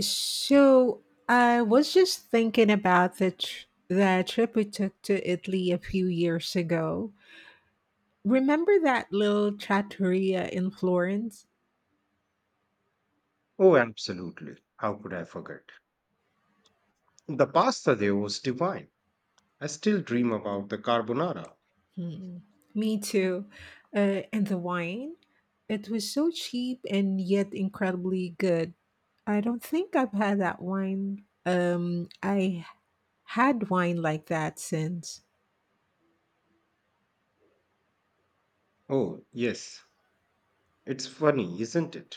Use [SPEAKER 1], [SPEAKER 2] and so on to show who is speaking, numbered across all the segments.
[SPEAKER 1] So I was just thinking about the trip we took to Italy a few years ago. Remember that little trattoria in Florence?
[SPEAKER 2] Oh, absolutely. How could I forget? The pasta there was divine. I still dream about the carbonara.
[SPEAKER 1] Hmm. Me too. And the wine? It was so cheap and yet incredibly good. I don't think I've had that wine. I had wine like that since.
[SPEAKER 2] Oh, yes. It's funny, isn't it?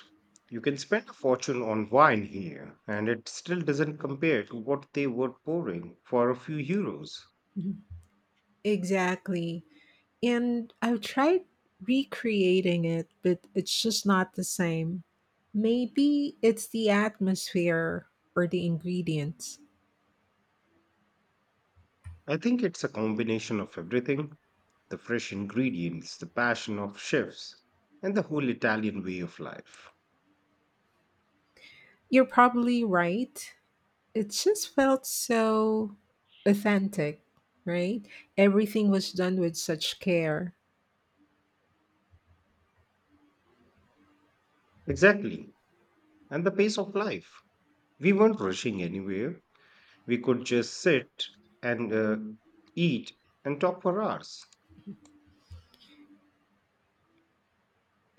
[SPEAKER 2] You can spend a fortune on wine here, and it still doesn't compare to what they were pouring for a few euros.
[SPEAKER 1] Mhm. Exactly. And I've tried recreating it, but it's just not the same. Maybe it's the atmosphere or the ingredients.
[SPEAKER 2] I think it's a combination of everything: the fresh ingredients, the passion of chefs, and the whole Italian way of life.
[SPEAKER 1] You're probably right. It just felt so authentic, right? Everything was done with such care.
[SPEAKER 2] Exactly. And the pace of life. We weren't rushing anywhere. We could just sit and eat and talk for hours.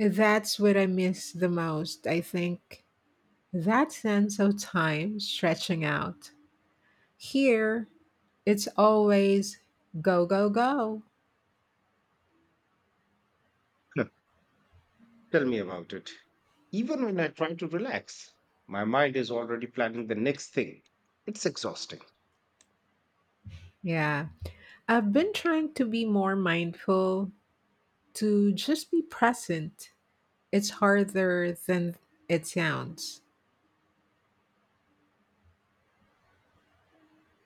[SPEAKER 1] That's what I miss the most, I think. That sense of time stretching out. Here, it's always go, go, go.
[SPEAKER 2] Huh, tell me about it. Even when I try to relax, my mind is already planning the next thing. It's exhausting.
[SPEAKER 1] Yeah. I've been trying to be more mindful, to just be present. It's harder than it sounds.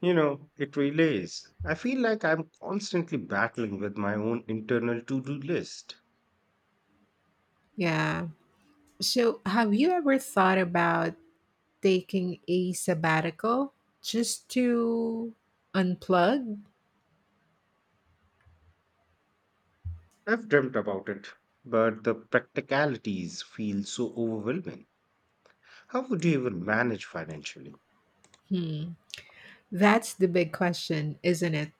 [SPEAKER 2] You know, it really is. I feel like I'm constantly battling with my own internal to do list.
[SPEAKER 1] Yeah. So, have you ever thought about taking a sabbatical just to unplug?
[SPEAKER 2] I've dreamt about it, but the practicalities feel so overwhelming. How would you even manage financially?
[SPEAKER 1] Hmm. That's the big question, isn't it?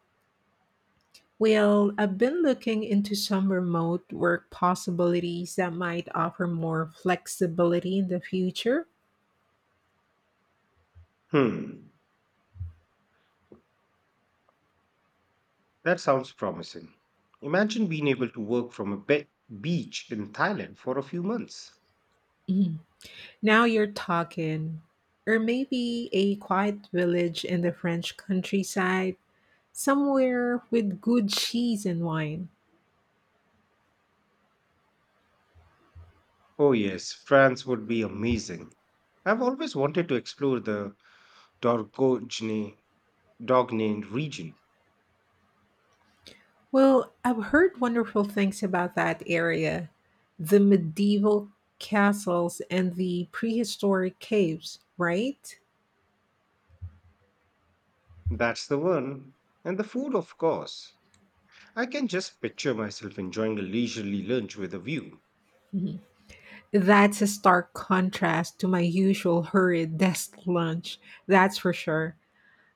[SPEAKER 1] Well, I've been looking into some remote work possibilities that might offer more flexibility in the future.
[SPEAKER 2] Hmm, that sounds promising. Imagine being able to work from a beach in Thailand for a few months.
[SPEAKER 1] Mhm. Now you're talking. Or maybe a quiet village in the French countryside, somewhere with good cheese and wine.
[SPEAKER 2] Oh, yes, France would be amazing. I've always wanted to explore the Dordogne, Dordogne region.
[SPEAKER 1] Well, I've heard wonderful things about that area, the medieval castles and the prehistoric caves, right?
[SPEAKER 2] That's the one. And the food, of course. I can just picture myself enjoying a leisurely lunch with a view.
[SPEAKER 1] Mhm. That's a stark contrast to my usual hurried desk lunch, that's for sure.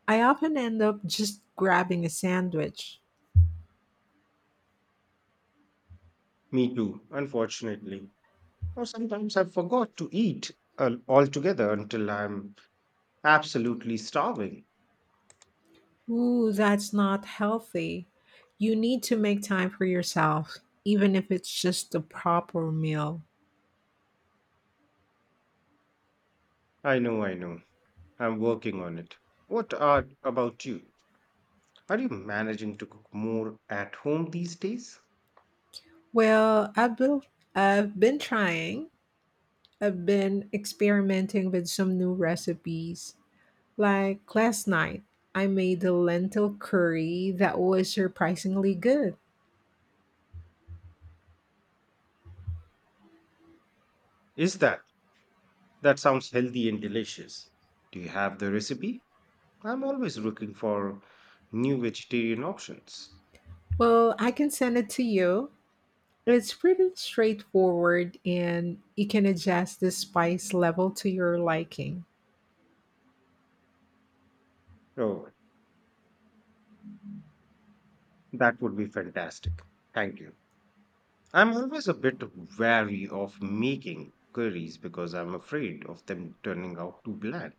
[SPEAKER 1] I often end up just grabbing a sandwich.
[SPEAKER 2] Me too, unfortunately. Or sometimes I forgot to eat altogether until I'm absolutely starving.
[SPEAKER 1] Ooh, that's not healthy. You need to make time for yourself, even if it's just the proper meal.
[SPEAKER 2] I know, I know. I'm working on it. What are about you? Are you managing to cook more at home these days?
[SPEAKER 1] Well, I've been trying. I've been experimenting with some new recipes. Like last night, I made a lentil curry that was surprisingly good.
[SPEAKER 2] Is that? That sounds healthy and delicious. Do you have the recipe? I'm always looking for new vegetarian options.
[SPEAKER 1] Well, I can send it to you. It's pretty straightforward and you can adjust the spice level to your liking.
[SPEAKER 2] Oh, that would be fantastic. Thank you. I'm always a bit wary of making curries because I'm afraid of them turning out too bland.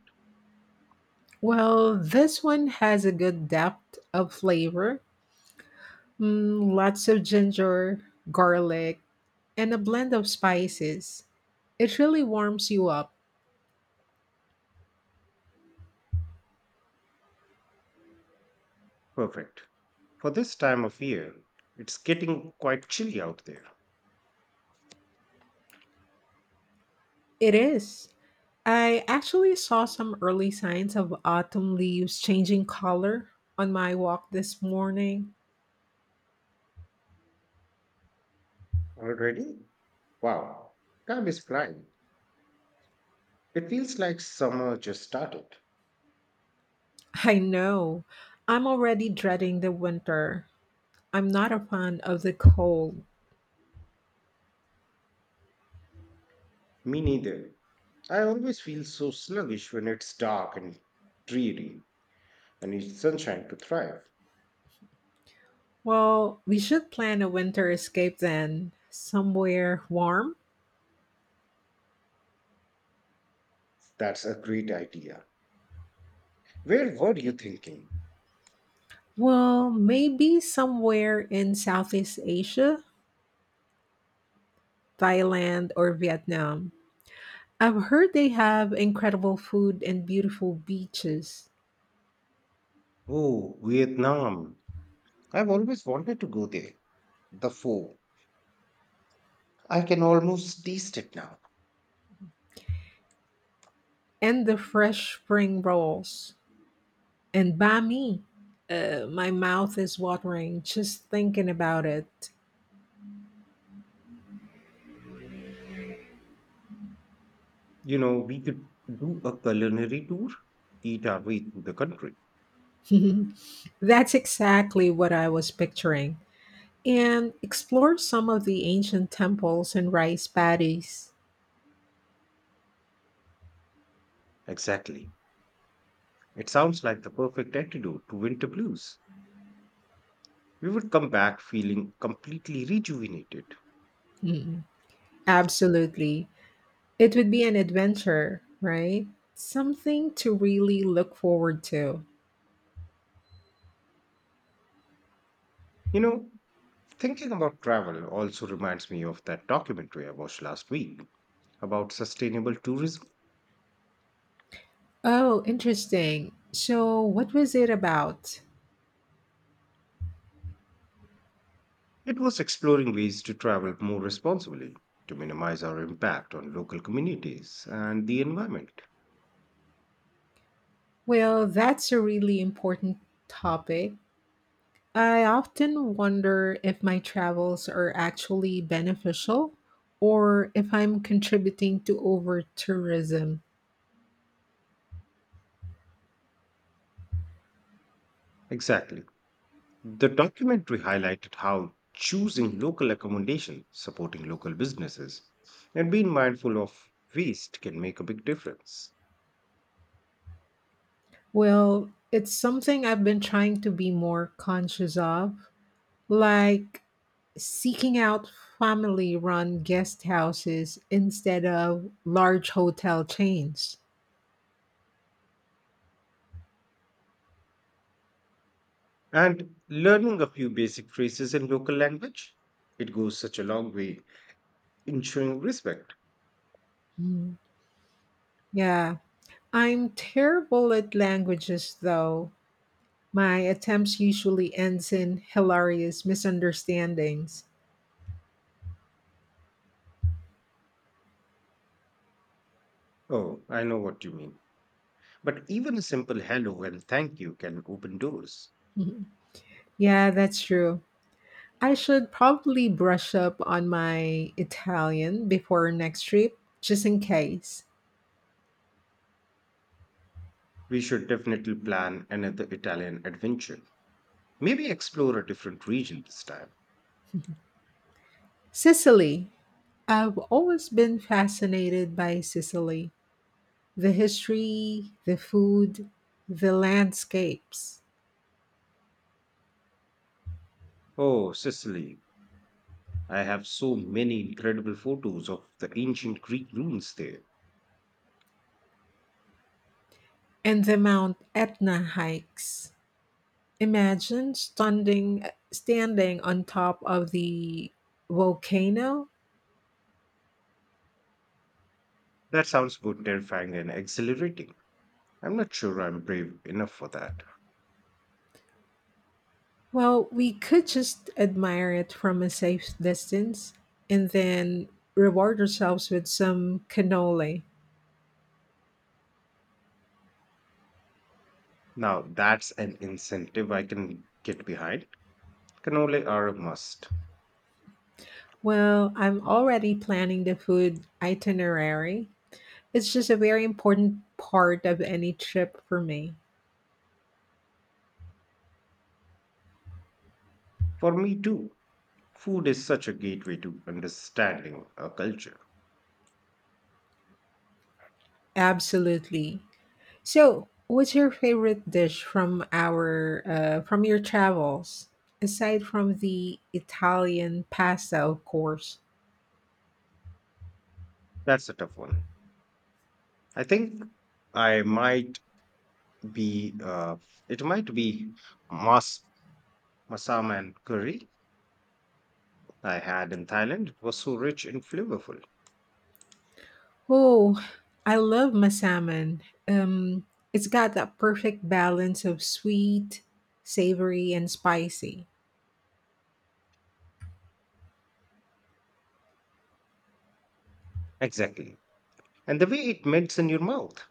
[SPEAKER 1] Well, this one has a good depth of flavor. Lots of ginger, garlic, and a blend of spices. It really warms you up.
[SPEAKER 2] Perfect. For this time of year, it's getting quite chilly out there.
[SPEAKER 1] It is. I actually saw some early signs of autumn leaves changing color on my walk this morning.
[SPEAKER 2] Already? Wow. Time is flying. It feels like summer just started.
[SPEAKER 1] I know. I'm already dreading the winter. I'm not a fan of the cold.
[SPEAKER 2] Me neither. I always feel so sluggish when it's dark and dreary. I need sunshine to thrive.
[SPEAKER 1] Well, we should plan a winter escape then, somewhere warm.
[SPEAKER 2] That's a great idea. Where were you thinking?
[SPEAKER 1] Well, maybe somewhere in Southeast Asia, Thailand or Vietnam. I've heard they have incredible food and beautiful beaches,
[SPEAKER 2] Oh, Vietnam. I've always wanted to go there. The foe. I can almost taste it now.
[SPEAKER 1] and the fresh spring rolls and banh mi. My mouth is watering just thinking about it.
[SPEAKER 2] You know, we could do a culinary tour, eat our way through the country.
[SPEAKER 1] That's exactly what I was picturing. And explore some of the ancient temples and rice paddies.
[SPEAKER 2] Exactly. It sounds like the perfect antidote to winter blues. We would come back feeling completely rejuvenated.
[SPEAKER 1] Mm, absolutely. It would be an adventure, right? Something to really look forward to.
[SPEAKER 2] You know, thinking about travel also reminds me of that documentary I watched last week about sustainable tourism.
[SPEAKER 1] Oh, interesting. So, what was it about?
[SPEAKER 2] It was exploring ways to travel more responsibly, to minimize our impact on local communities and the environment.
[SPEAKER 1] Well, that's a really important topic. I often wonder if my travels are actually beneficial or if I'm contributing to over tourism.
[SPEAKER 2] Exactly. The documentary highlighted how choosing local accommodation, supporting local businesses, and being mindful of waste can make a big difference.
[SPEAKER 1] Well, it's something I've been trying to be more conscious of, like seeking out family run guest houses instead of large hotel chains.
[SPEAKER 2] And learning a few basic phrases in local language, it goes such a long way in showing respect.
[SPEAKER 1] Mm. Yeah, I'm terrible at languages though. My attempts usually ends in hilarious misunderstandings.
[SPEAKER 2] Oh, I know what you mean. But even a simple hello and thank you can open doors.
[SPEAKER 1] Mhm. Yeah, that's true. I should probably brush up on my Italian before next trip, just in case.
[SPEAKER 2] We should definitely plan another Italian adventure. Maybe explore a different region this time.
[SPEAKER 1] Sicily. I've always been fascinated by Sicily, the history, the food, the landscapes,
[SPEAKER 2] Oh, Sicily. I have so many incredible photos of the ancient Greek ruins there.
[SPEAKER 1] and the Mount Etna hikes. Imagine standing on top of the volcano.
[SPEAKER 2] That sounds both terrifying and exhilarating. I'm not sure I'm brave enough for that.
[SPEAKER 1] Well, we could just admire it from a safe distance and then reward ourselves with some cannoli.
[SPEAKER 2] Now, that's an incentive I can get behind. Cannoli are a must.
[SPEAKER 1] Well, I'm already planning the food itinerary. It's just a very important part of any trip for me.
[SPEAKER 2] For me, too. Food is such a gateway to understanding a culture.
[SPEAKER 1] Absolutely. So, what's your favorite dish from your travels, aside from the Italian pasta, of course?
[SPEAKER 2] That's a tough one. I think I might be, uh, it might be mas masam and curry I had in Thailand. It was so rich and flavorful.
[SPEAKER 1] Oh, I love my salmon. Um, it's got that perfect balance of sweet, savory, and spicy.
[SPEAKER 2] Exactly. And the way it melts in your mouth.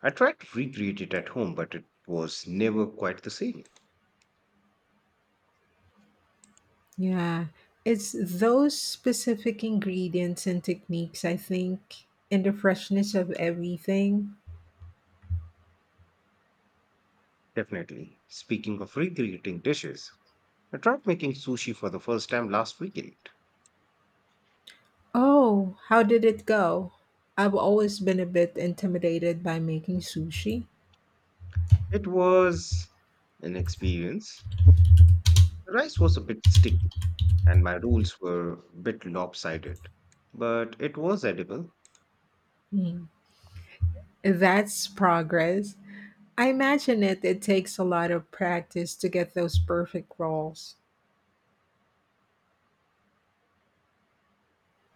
[SPEAKER 2] I tried to recreate it at home, but it was never quite the same.
[SPEAKER 1] Yeah, it's those specific ingredients and techniques, I think, and the freshness of everything.
[SPEAKER 2] Definitely. Speaking of recreating dishes, I tried making sushi for the first time last weekend.
[SPEAKER 1] Oh, how did it go? I've always been a bit intimidated by making sushi.
[SPEAKER 2] It was an experience. The rice was a bit sticky and my rolls were a bit lopsided, but it was edible. It
[SPEAKER 1] Hmm. That's progress. I imagine it takes a lot of practice to get those perfect rolls.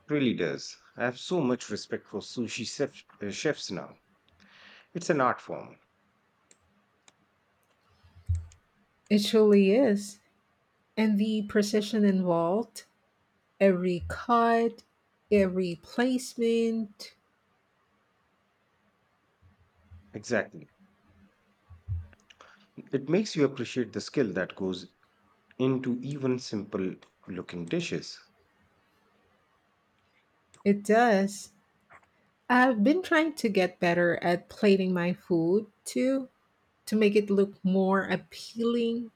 [SPEAKER 2] really does. I have so much respect for chefs now. It's an art form.
[SPEAKER 1] It truly is. And the precision involved, every cut, every placement.
[SPEAKER 2] Exactly. It makes you appreciate the skill that goes into even simple looking dishes.
[SPEAKER 1] It does. I've been trying to get better at plating my food too, to make it look more appealing.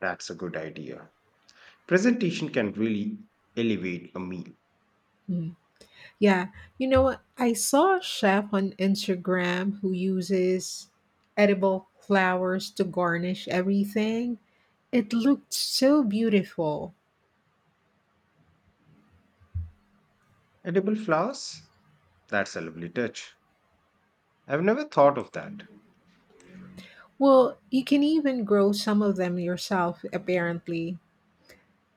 [SPEAKER 2] That's a good idea. Presentation can really elevate a meal.
[SPEAKER 1] Yeah, you know what? I saw a chef on Instagram who uses edible flowers to garnish everything. It looked so beautiful.
[SPEAKER 2] Edible flowers? That's a lovely touch. I've never thought of that.
[SPEAKER 1] Well, you can even grow some of them yourself, apparently.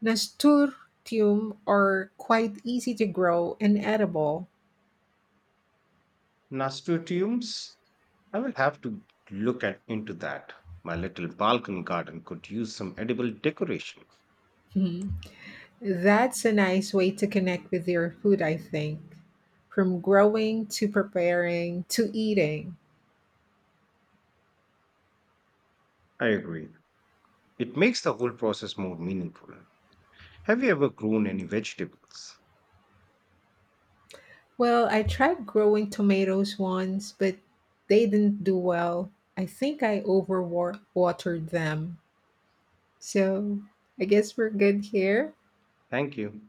[SPEAKER 1] Nasturtium are quite easy to grow and edible.
[SPEAKER 2] Nasturtiums. I will have to look at into that. My little balcony garden could use some edible decoration.
[SPEAKER 1] Hmm. That's a nice way to connect with your food, I think. From growing to preparing to eating.
[SPEAKER 2] I agree. It makes the whole process more meaningful. Have you ever grown any vegetables?
[SPEAKER 1] Well, I tried growing tomatoes once, but they didn't do well. I think I overwatered them. So I guess we're good here.
[SPEAKER 2] Thank you.